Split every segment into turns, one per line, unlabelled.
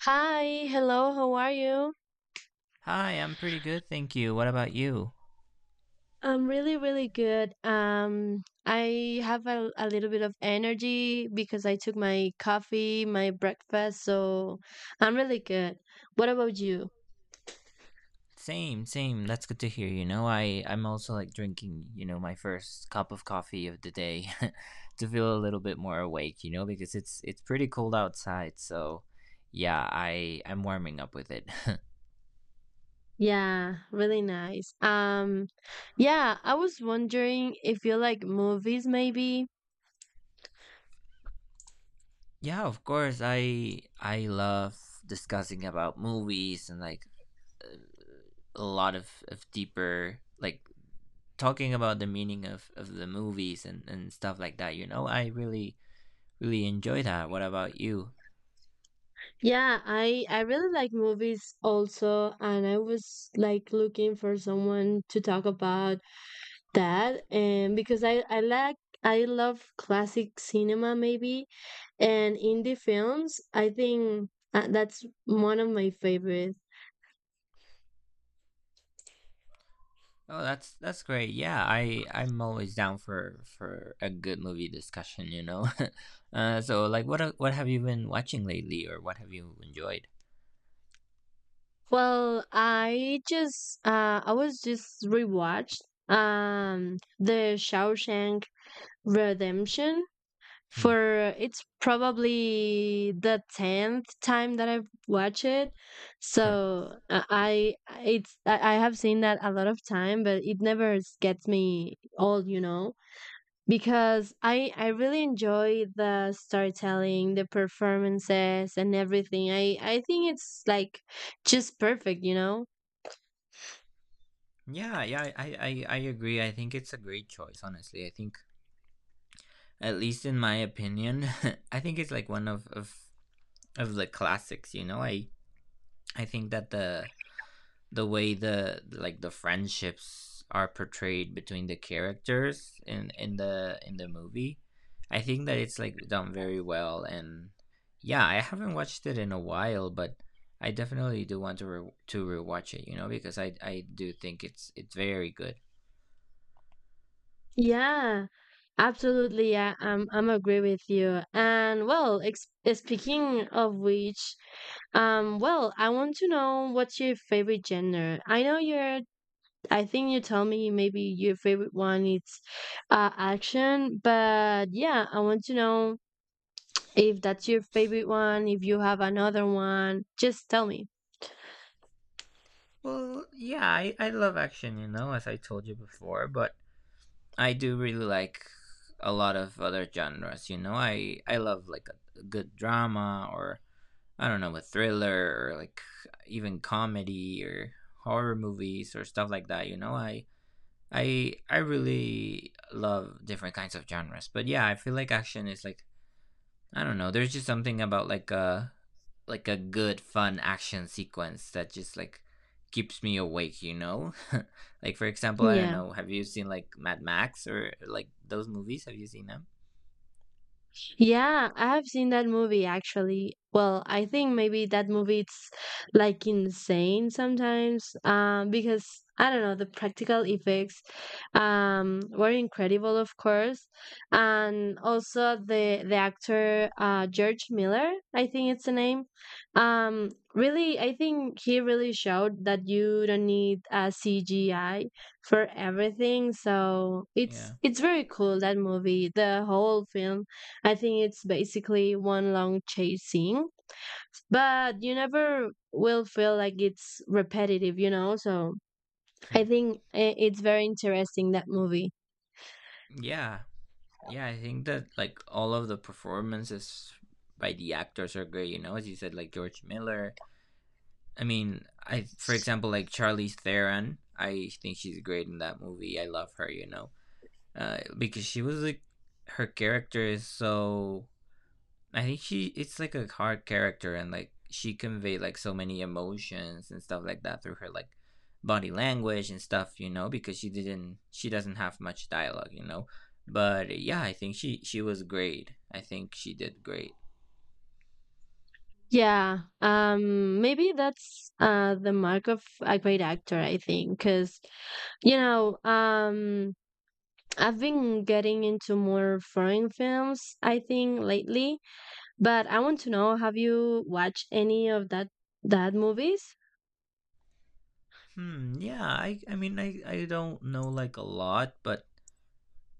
Hi, hello, how are you?
Hi, I'm pretty good, thank you. What about you?
I'm really, really good. I have a little bit of energy because I took my coffee, my breakfast, so I'm really good. What about you?
Same, same. That's good to hear. I'm also like drinking, my first cup of coffee of the day to feel a little bit more awake, because it's pretty cold outside. So, yeah, I'm warming up with it.
Yeah, really nice. Yeah, I was wondering if you like movies maybe.
Yeah, of course. I love discussing about movies and like a lot of deeper like talking about the meaning of the movies and stuff like that. I really really enjoy that. What about you?
Yeah, I really like movies also, and I was like looking for someone to talk about that and because I love classic cinema maybe and indie films I think that's one of my favorites.
Oh, that's great. Yeah, I'm always down for a good movie discussion. What have you been watching lately, or what have you enjoyed?
Well, I was just rewatched The Shawshank Redemption
Hmm.
for it's probably the 10th time that I've watched it. So I have seen that a lot of time, but it never gets me old, you know, because I really enjoy the storytelling, the performances and everything. I think it's like just perfect, you know.
Yeah, yeah, I agree. I think it's a great choice. Honestly, I think at least in my opinion, I think it's like one of the classics. I think that the way the friendships are portrayed between the characters in the movie. I think that it's like done very well. And yeah, I haven't watched it in a while, but I definitely do want to rewatch it, you know, because I do think it's very good.
Yeah, absolutely. Yeah, I'm agree with you. And well, ex speaking of which, well, I want to know what's your favorite genre. I know you're. I think you tell me maybe your favorite one is action, but yeah, I want to know if that's your favorite one. If you have another one, just tell me.
Well, yeah, I love action, you know, as I told you before. But I do really like a lot of other genres, you know. I love like a good drama or, I don't know, a thriller, or like even comedy or horror movies or stuff like that, you know? I really love different kinds of genres. But yeah, I feel like action is like, I don't know, there's just something about like a good fun action sequence that just like keeps me awake, you know? Like for example, I don't
Yeah.
know, have you seen like Mad Max or like those movies? Have you seen them?
Yeah, I have seen that movie actually. Well, I think maybe that movie it's like insane sometimes because I don't know, the practical effects were incredible of course. And also the actor George Miller, I think it's the name. Really I think he really showed that you don't need a CGI for everything. So
Yeah.
it's very cool that movie, the whole film I think it's basically one long chasing, but you never will feel like it's repetitive, you know? So
Hmm.
I think it's very interesting, that movie.
Yeah, yeah, I think that like all of the performances by the actors are great. You know, as you said, like George Miller. I mean, I, for example, like Charlize Theron. I think she's great in that movie. I love her. Because she was like her character is so, I think she, it's like a hard character, and like she conveyed like so many emotions and stuff like that through her like body language and stuff, you know, because she doesn't have much dialogue, you know. But yeah, I think she was great. I think she did great.
Yeah, maybe that's the mark of a great actor, I think, because, you know, I've been getting into more foreign films, I think, lately, but I want to know, have you watched any of that movies?
Hmm, yeah, I mean I don't know like a lot, but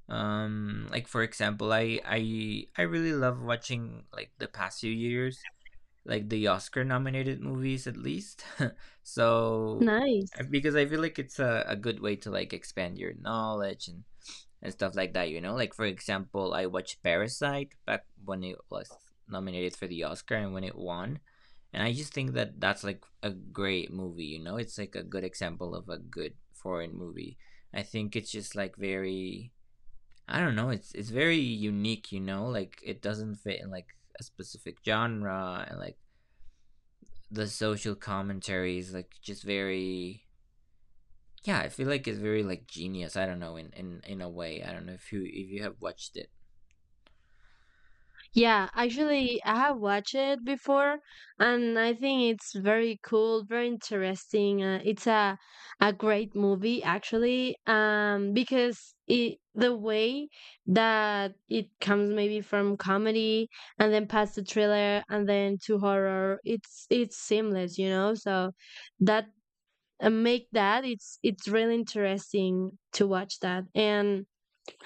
like for example, I really love watching like the past few years like the Oscar nominated movies at least. So
Nice.
because I feel like it's a good way to like expand your knowledge and stuff like that, you know? Like for example, I watched Parasite back when it was nominated for the Oscar and when it won. And I just think that that's like a great movie, you know? It's like a good example of a good foreign movie. I think it's just like very, I don't know, it's very unique, you know? Like it doesn't fit in like a specific genre, and like the social commentary is like just very, yeah, I feel like it's very like genius, I don't know, in a way. I don't know if you, if you have watched it.
Yeah, actually, I have watched it before, and I think it's very cool, very interesting. It's a great movie, actually, because it the way that it comes maybe from comedy and then past to thriller and then to horror, it's seamless, you know. So that make that it's really interesting to watch that and.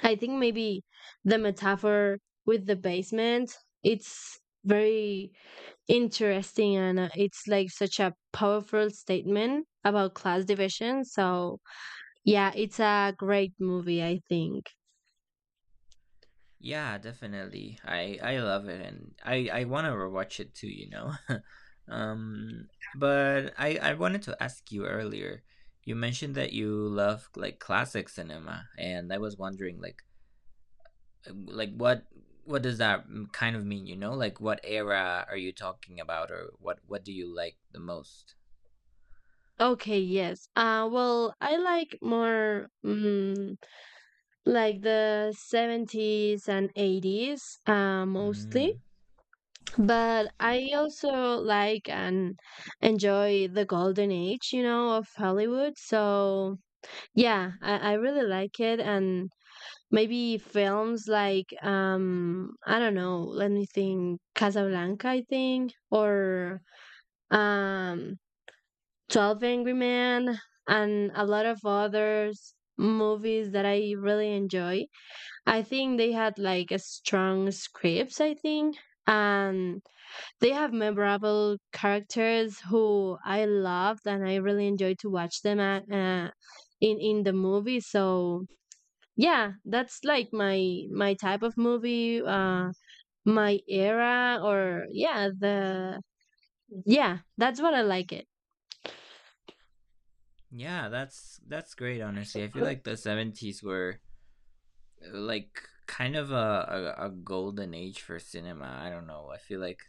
I think maybe the metaphor with the basement, it's very interesting and it's like such a powerful statement about class division. So, yeah, it's a great movie, I think.
Yeah, definitely, I love it, and I want to rewatch it too, you know. Um, but I wanted to ask you earlier, you mentioned that you love like classic cinema, and I was wondering like what does that kind of mean, you know? Like what era are you talking about, or what do you like the most?
Okay, yes. Well, I like more like the 70s and 80s mostly,
Mm.
but I also like and enjoy the golden age, you know, of Hollywood. So, yeah, I really like it. And maybe films like, I don't know, let me think, Casablanca, I think, or um, 12 Angry Men, and a lot of others movies that I really enjoy. I think they had like a strong scripts, I think. And they have memorable characters who I loved and I really enjoyed to watch them in the movie. So yeah, that's like my type of movie, my era, or yeah, that's what I like it.
Yeah, that's great. Honestly, I feel like the 70s were like kind of a golden age for cinema. I don't know, I feel like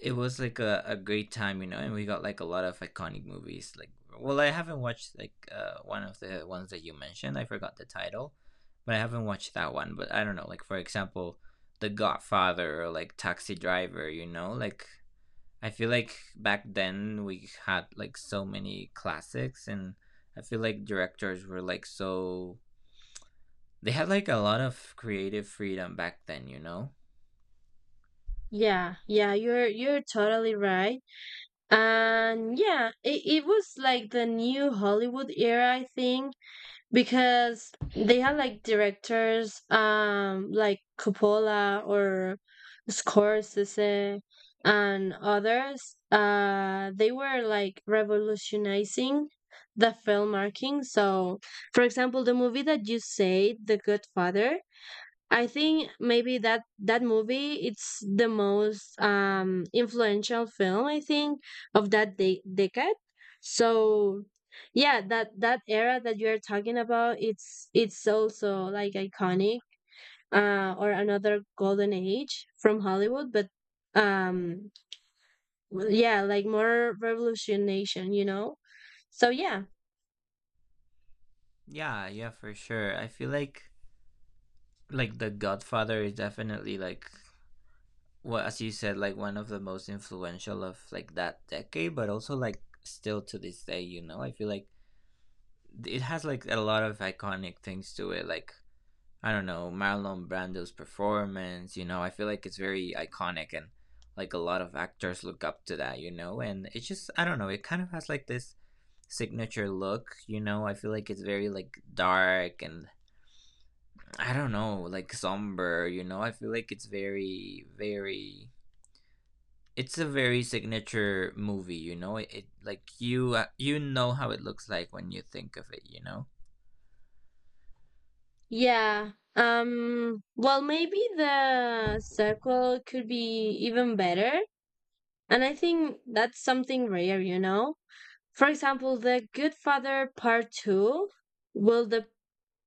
it was like a great time, you know, and we got like a lot of iconic movies. Like, well, I haven't watched like one of the ones that you mentioned. I forgot the title, but I haven't watched that one. But I don't know, like for example, The Godfather or like Taxi Driver. You know, like I feel like back then we had like so many classics, and I feel like directors were like so, they had like a lot of creative freedom back then, you know?
Yeah, yeah, you're totally right. And yeah, it was like the New Hollywood era, I think, because they have like directors, like Coppola or Scorsese, and others, they were like revolutionizing the film marking. So for example, the movie that you say, The Godfather, I think maybe that movie it's the most influential film, I think, of that decade. So yeah, that era that you're talking about it's also like iconic, or another golden age from Hollywood, but um well, yeah, like more revolutionation, you know. So yeah.
Yeah, yeah, for sure. I feel like The Godfather is definitely like, well, as you said, like one of the most influential of like that decade, but also like still to this day, you know? I feel like it has like a lot of iconic things to it, like, I don't know, Marlon Brando's performance, you know, I feel like it's very iconic, and like a lot of actors look up to that, you know. And it's just, I don't know, it kind of has like this signature look, you know, I feel like it's very like dark and, I don't know, like somber, you know, I feel like it's a very signature movie, you know, it like you, you know how it looks like when you think of it, you know?
Yeah. Well, maybe the sequel could be even better. And I think that's something rare, you know? For example, The Good Father Part 2 will the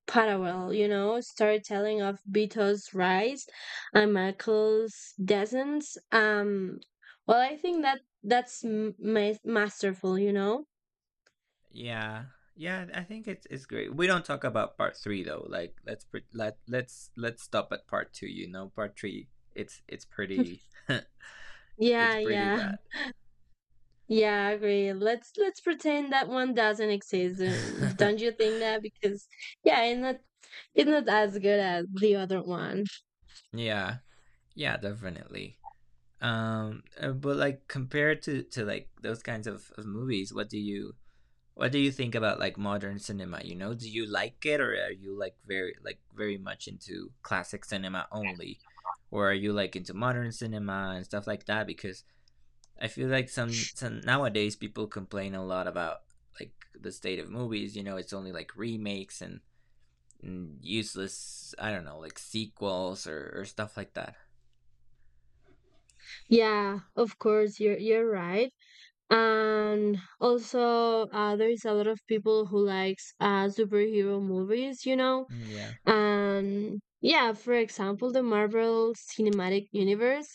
parallel, you know, storytelling of Beto's rise and Michael's descent. Um, well, I think that that's masterful, you know?
Yeah. Yeah, I think it's great. We don't talk about part 3 though. Like let's stop at part 2, you know. Part 3, it's pretty it's
Yeah,
pretty
yeah.
bad.
Yeah, I agree. Let's pretend that one doesn't exist. Don't you think that? Because yeah, it's not, as good as the other one.
Yeah. Yeah, definitely. But like compared to like those kinds of movies, what do you, what do you think about like modern cinema, you know? Do you like it, or are you like very much into classic cinema only? Or are you like into modern cinema and stuff like that? Because I feel like some nowadays people complain a lot about like the state of movies. You know, it's only like remakes and useless, I don't know, like sequels or stuff like that.
Yeah, of course, you're right. And also there is a lot of people who likes superhero movies, you know.
Mm, yeah,
And yeah, for example, the Marvel Cinematic Universe,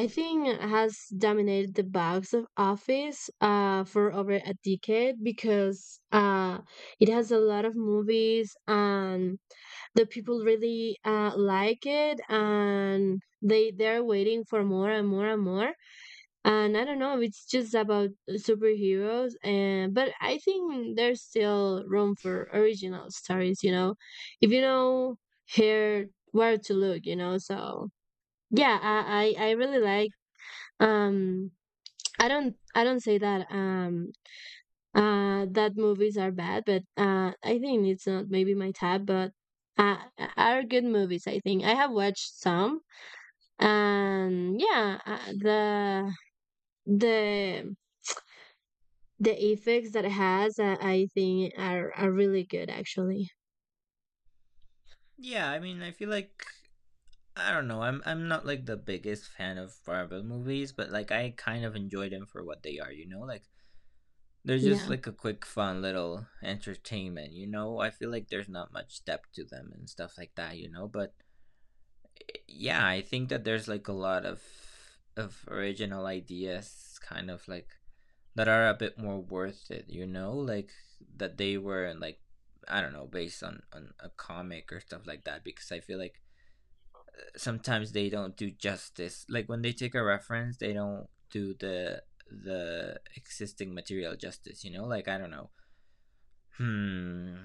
I think, has dominated the box of office for over a decade, because it has a lot of movies, and the people really like it, and they're waiting for more and more and more. And I don't know if it's just about superheroes, and but I think there's still room for original stories. You know, if you know here where to look, you know. So yeah, I really like. Um, I don't say that movies are bad, but I think it's not maybe my tab, but uh are good movies. I think I have watched some, and yeah, the the effects that it has, I think, are really good, actually.
yeah. I mean, I feel like, I don't know, I'm not like the biggest fan of Marvel movies, but like I kind of enjoy them for what they are. You know, like they're just
Yeah.
like a quick, fun little entertainment. You know, I feel like there's not much depth to them and stuff like that, you know. But yeah, I think that there's like a lot of original ideas kind of like that are a bit more worth it, you know, like that they were like, I don't know, based on a comic or stuff like that, because I feel like sometimes they don't do justice, like when they take a reference, they don't do the existing material justice, you know, like I don't know. Hmm.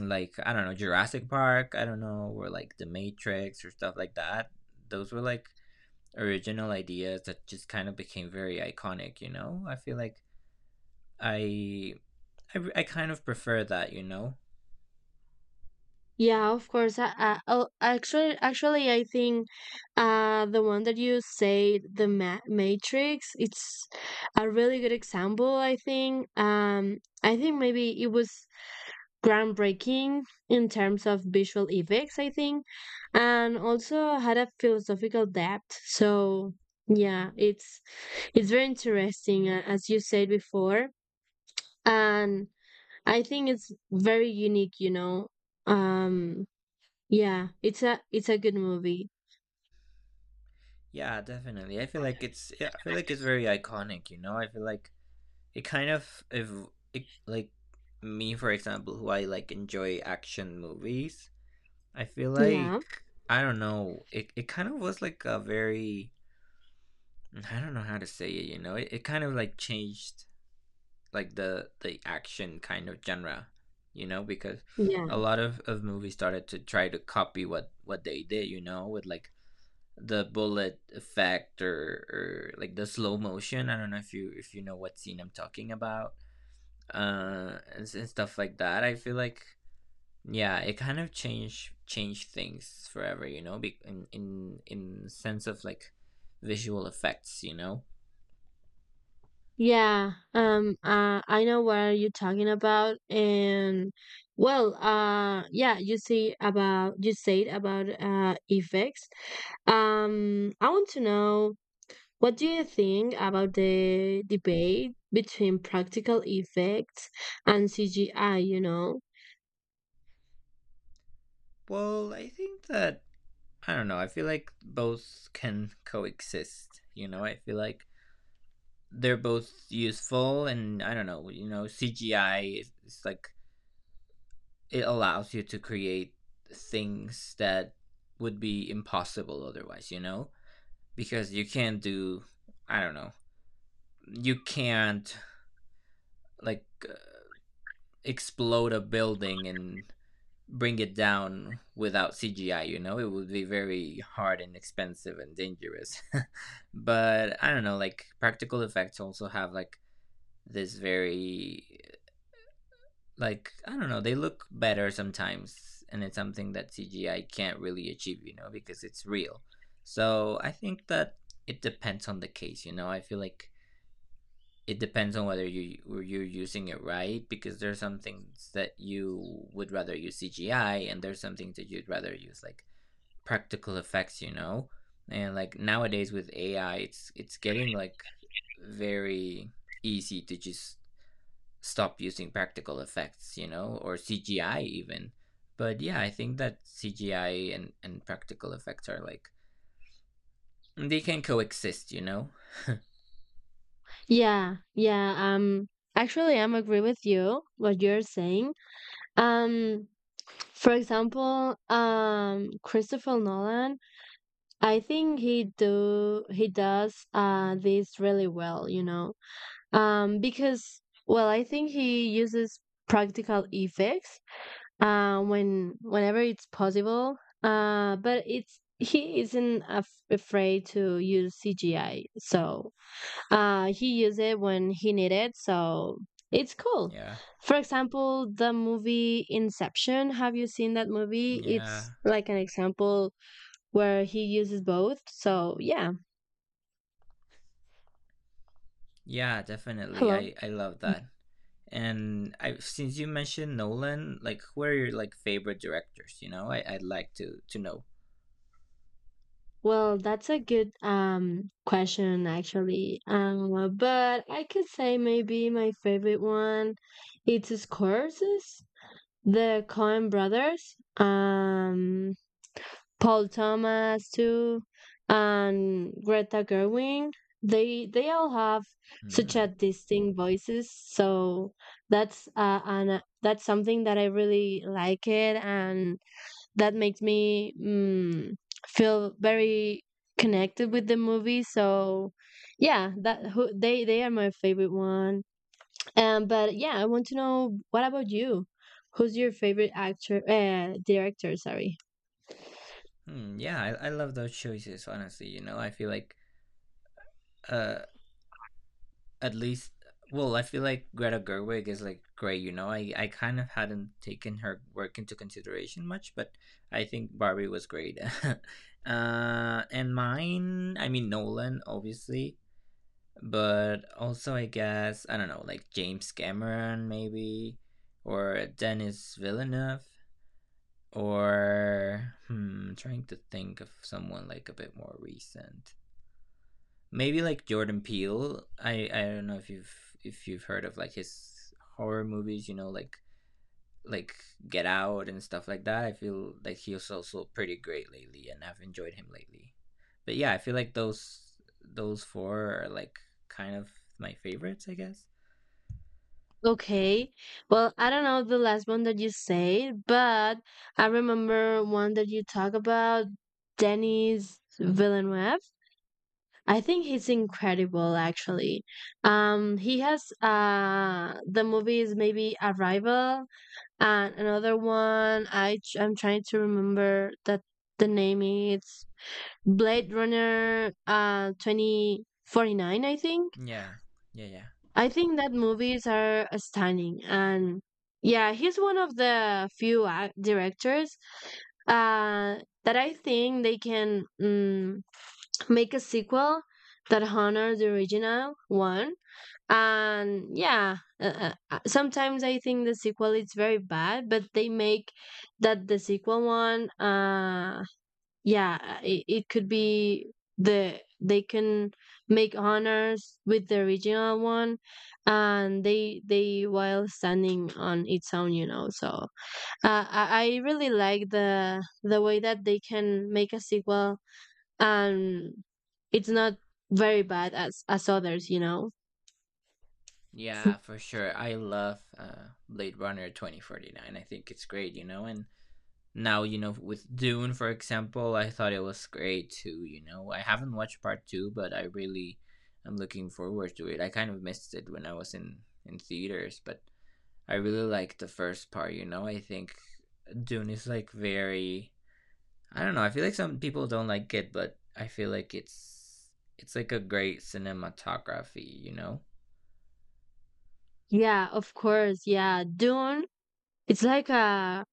Like I don't know, Jurassic Park, I don't know, or like The Matrix or stuff like that. Those were like original ideas that just kind of became very iconic, you know? I feel like I I kind of prefer that, you know?
Yeah, of course. Oh, actually, I think the one that you say, the Matrix, it's a really good example, I think. I think maybe it was groundbreaking in terms of visual effects, I think, and also had a philosophical depth. So yeah, it's very interesting, as you said before, and I think it's very unique, you know. um yeah, it's a good movie.
Yeah, definitely. I feel like it's, yeah, I feel like it's very iconic, you know? I feel like it kind of if it, like me for example who I like enjoy action movies, I feel
Yeah,
like, I don't know, it kind of was like a very, I don't know how to say it, you know? It kind of like changed like the action kind of genre, you know, because
yeah,
a lot of movies started to try to copy what they did, you know, with like the bullet effect, or like the slow motion. I don't know if you, if you know what scene I'm talking about, and stuff like that. I feel like, yeah, it kind of changed things forever, you know, be, in sense of like visual effects, you know.
yeah, I know what are you talking about. And well, yeah, you said about effects. I want to know, what do you think about the debate between practical effects and CGI, you know?
Well, I think that, I don't know, I feel like both can coexist. You know, I feel like they're both useful, and I don't know. You know, CGI is like it allows you to create things that would be impossible otherwise. You know, because you can't do, I don't know, you can't like explode a building and bring it down without CGI, you know? It would be very hard and expensive and dangerous. But I don't know, like practical effects also have like this very, like, I don't know, they look better sometimes and it's something that CGI can't really achieve, you know, because it's real. So I think that it depends on the case, you know. I feel like it depends on whether you're using it right, because there's some things that you would rather use CGI and there's some things that you'd rather use like practical effects, you know? And like nowadays with AI, it's getting like very easy to just stop using practical effects, you know, or CGI even. But yeah, I think that CGI and practical effects are like they can coexist, you know?
Yeah, yeah. Actually, I'm agree with you what you're saying. Um, for example, Christopher Nolan. I think he does this really well. You know, because well, I think he uses practical effects whenever it's possible. But it's he isn't afraid to use CGI. So he used it when he needed. So it's cool.
Yeah.
For example, the movie Inception. Have you seen that movie? It's
Yeah.
like an example where he uses both. So yeah.
Yeah, definitely.
Hello.
I love that. And I, since you mentioned Nolan, like who are your like favorite directors, you know? I'd like to know.
Well, that's a good question actually. But I could say maybe my favorite one it's Scorsese, the Coen brothers. Paul Thomas too, and Greta Gerwig. They all have such a
Hmm.
distinct voices, so that's something that I really like it, and that makes me feel very connected with the movie. So yeah, they are my favorite one. But yeah, I want to know, what about you? Who's your favorite actor? Director, sorry.
Hmm, yeah, I love those choices. Honestly, you know, I feel like uh, at least, well, I feel like Greta Gerwig is like great. You know, I kind of hadn't taken her work into consideration much, but I think Barbie was great. And mine, I mean, Nolan, obviously, but also, I guess, I don't know, like James Cameron maybe, or Denis Villeneuve. Or trying to think of someone like a bit more recent. Maybe like Jordan Peele. I don't know if you've heard of like his horror movies. You know, like like Get Out and stuff like that. I feel like he was also pretty great lately, and I've enjoyed him lately. But yeah, I feel like those four are like kind of my favorites. I guess.
Okay. Well, I don't know the last one that you said, but I remember one that you talk about, Denis Villeneuve. I think he's incredible actually. He has the movies maybe Arrival, and another one I'm trying to remember that, the name is Blade Runner 2049, I think.
Yeah. Yeah. Yeah.
I think that movies are stunning, and yeah, he's one of the few ac directors that I think they can make a sequel that honors the original one. And yeah, sometimes I think the sequel is very bad, but they make that the sequel one yeah it could be, they can make honors with the original one, and they while standing on its own, you know. So I really like the way that they can make a sequel, and it's not very bad as others, you know.
Yeah, for sure. I love Blade Runner 2049. I think it's great, you know, and now, you know, with Dune, for example, I thought it was great too. You know, I haven't watched part two, but I really am looking forward to it. I kind of missed it when I was in theaters, but I really like the first part. You know, I think Dune is like very, I don't know. I feel like some people don't like it, but I feel like it's like a great cinematography, you know.
Yeah, of course. Yeah, Dune. It's like a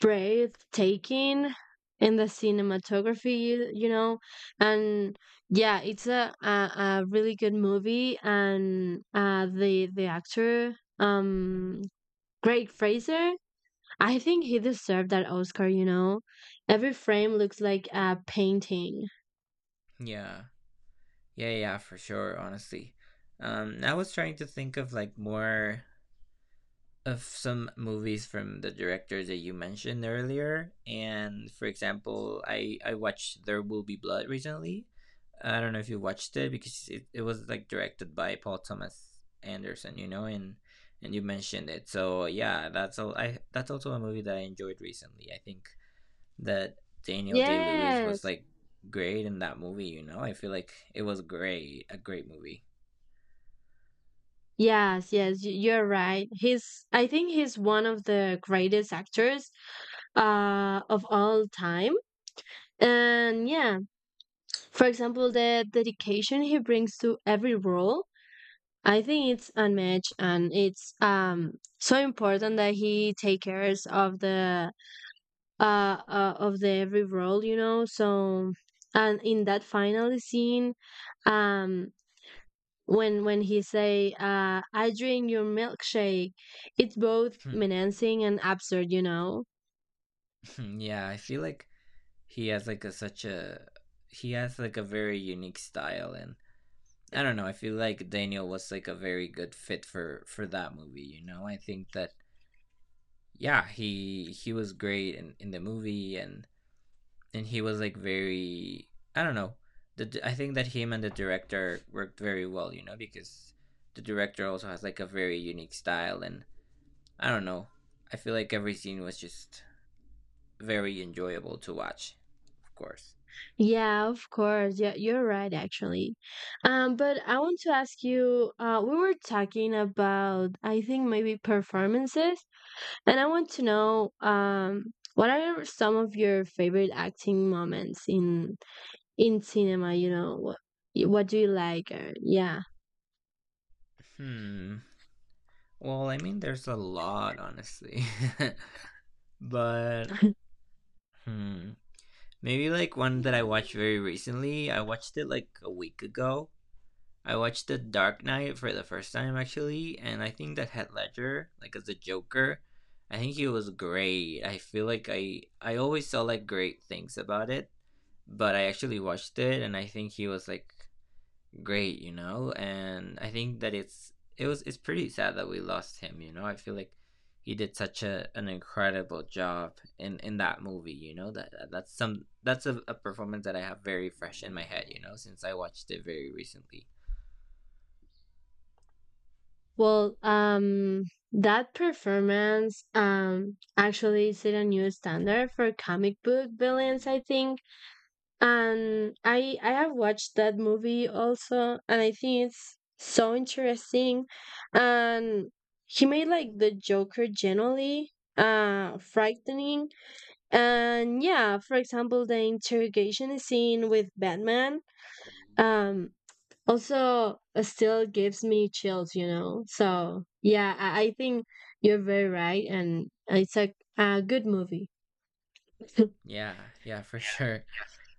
breathtaking in the cinematography, you know, and yeah, it's a really good movie, and the actor, Greg Fraser, I think he deserved that Oscar. You know, every frame looks like a painting.
Yeah, yeah, yeah, for sure, honestly. I was trying to think of like more of some movies from the director that you mentioned earlier. And for example, I watched There Will Be Blood recently. I don't know if you watched it, because it was like directed by Paul Thomas Anderson, you know, and you mentioned it. So yeah, that's all. I that's also a movie that I enjoyed recently. I think that Daniel Day Lewis was
Yes.
like great in that movie. You know, I feel like it was great, a great movie.
Yes, yes, you're right. He's, I think he's one of the greatest actors of all time. And yeah, for example, the dedication he brings to every role, I think it's unmatched, and it's so important that he take cares of the every role, you know. So, and in that final scene, um, when he say, "I drink your milkshake," it's both menacing and absurd, you know.
Hmm. Yeah, I feel like he has like a such a he has like a very unique style, and I don't know. I feel like Daniel was like a very good fit for that movie. You know, I think that, yeah, he was great in the movie, and he was like very, I don't know. I think that him and the director worked very well, you know, because the director also has like a very unique style, and I don't know. I feel like every scene was just very enjoyable to watch, of course.
Yeah, of course. Yeah, you're right, actually. But I want to ask you, we were talking about, I think maybe performances, and I want to know, what are some of your favorite acting moments in cinema? You know, what do you like? Or, yeah.
Hmm. Well, I mean, there's a lot, honestly. but, hmm. Maybe like one that I watched very recently. I watched it like a week ago. I watched The Dark Knight for the first time, actually, and I think that Heath Ledger, like as the Joker, I think he was great. I feel like I always saw like great things about it, but I actually watched it and I think he was like great, you know. And I think that it's it was it's pretty sad that we lost him, you know. I feel like he did such a an incredible job in that movie, you know. That's a performance that I have very fresh in my head, you know, since I watched it very recently.
Well, that performance actually set a new standard for comic book villains, I think. And I have watched that movie also, and I think it's so interesting. And he made like the Joker generally frightening. And yeah, for example, the interrogation scene with Batman,
Mm.
um also, still gives me chills, you know. So yeah, I think you're very right, and it's a good movie.
Yeah, yeah, for sure.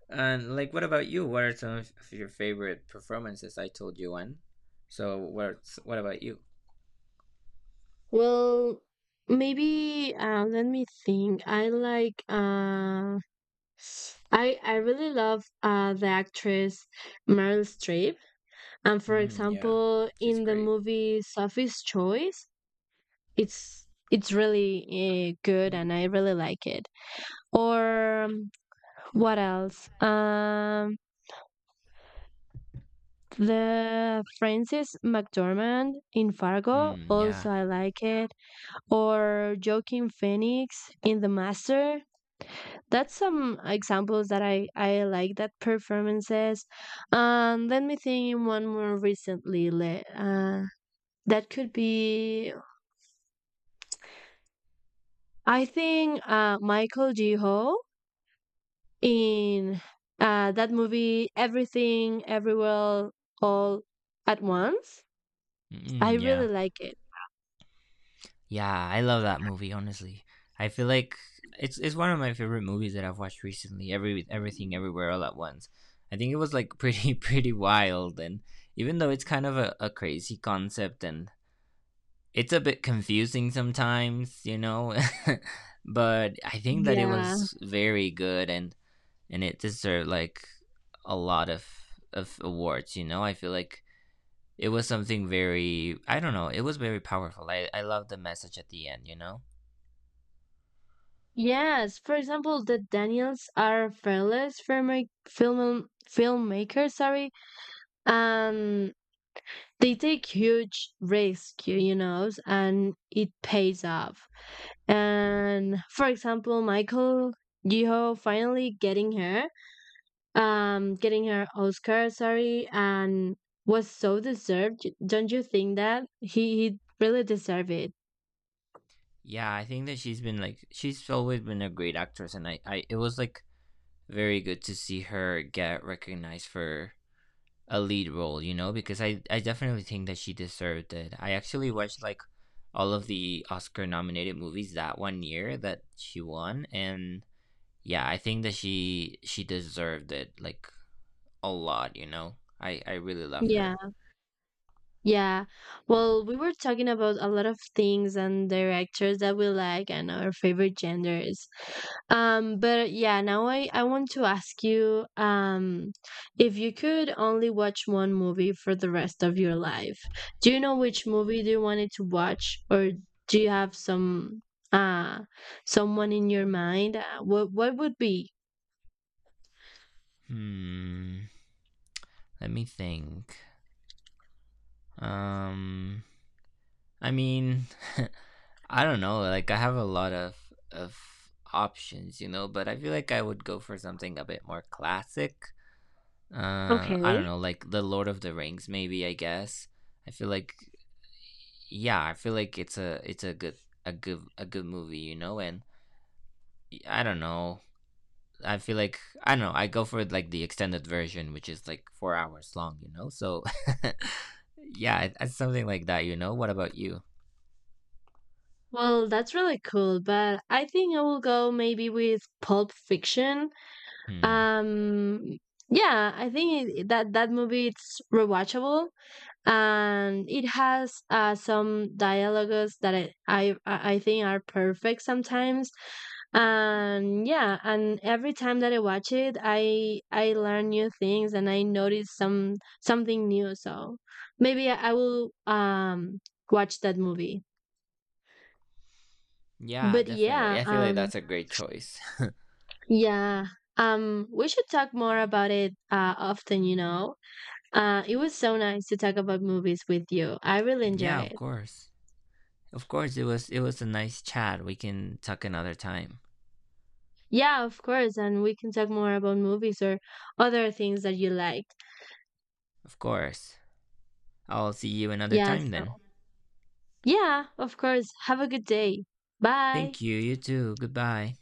And like, what about you? What are some of your favorite performances? I told you one. So what? What about you?
Well, maybe let me think. I like I really love the actress Meryl Streep, and for
Mm, yeah,
example,
she's
in the
great.
movie Sophie's Choice, it's really good,
Mhm.
and I really like it. Or what else? The Frances McDormand in Fargo,
Mm, yeah.
also I like it. Or Joaquin Phoenix in The Master. That's some examples that I like that performances. Let me think in one more recently. That could be I think Michael G. Ho in that movie Everything Everywhere All at Once. I
Mm,
really
yeah.
like it.
Yeah, I love that movie, honestly. I feel like it's one of my favorite movies that I've watched recently. Everything everywhere all at once. I think it was like pretty pretty wild, and even though it's kind of a crazy concept and it's a bit confusing sometimes, you know, but I think that it
Yeah.
was very good, and it deserved like a lot of awards, you know. I feel like it was something very, I don't know, it was very powerful. I love the message at the end, you know.
Yes. For example, the Daniels are fearless filmmakers. Sorry, and they take huge risk, you know, and it pays off. And for example, Michael Yeoh finally getting her Oscar, sorry, and was so deserved. Don't you think that he really deserved it?
Yeah, I think that she's always been a great actress, and I it was like very good to see her get recognized for a lead role, you know, because I definitely think that she deserved it. I actually watched like all of the Oscar nominated movies that one year that she won, and yeah, I think that she deserved it like a lot, you know. I really love
Yeah.
her.
Yeah. Well, we were talking about a lot of things and directors that we like and our favorite genders. But yeah, now I want to ask you, if you could only watch one movie for the rest of your life, do you know which movie do you wanted to watch, or do you have some uh someone in your mind? What would be?
Hmm. Let me think. Um I mean, I don't know, like I have a lot of options, you know, but I feel like I would go for something a bit more classic. I don't
Okay.
know, like the Lord of the Rings, maybe, I guess. I feel like yeah i feel like it's a good, a good, a good movie, you know. And I don't know, I feel like, I don't know, I go for like the extended version, which is like 4 hours long, you know. So yeah, it's something like that, you know. What about you?
Well, that's really cool, but I think I will go maybe with Pulp Fiction.
Hmm.
Um, yeah, I think it, that that movie it's rewatchable, and it has some dialogues that I think are perfect sometimes. And yeah, and every time that I watch it, I learn new things, and I notice something new. So maybe I will watch that movie.
Yeah,
But
definitely.
yeah,
I feel like that's a great choice.
yeah, we should talk more about it often, you know. It was so nice to talk about movies with you. I really
Yeah,
enjoy
of
it.
course. Of course, it was a nice chat. We can talk another time.
Yeah, of course, and we can talk more about movies or other things that you like.
Of course. I'll see you another
Yeah,
time then.
so yeah, of course. Have a good day. Bye.
Thank you, you too. Goodbye.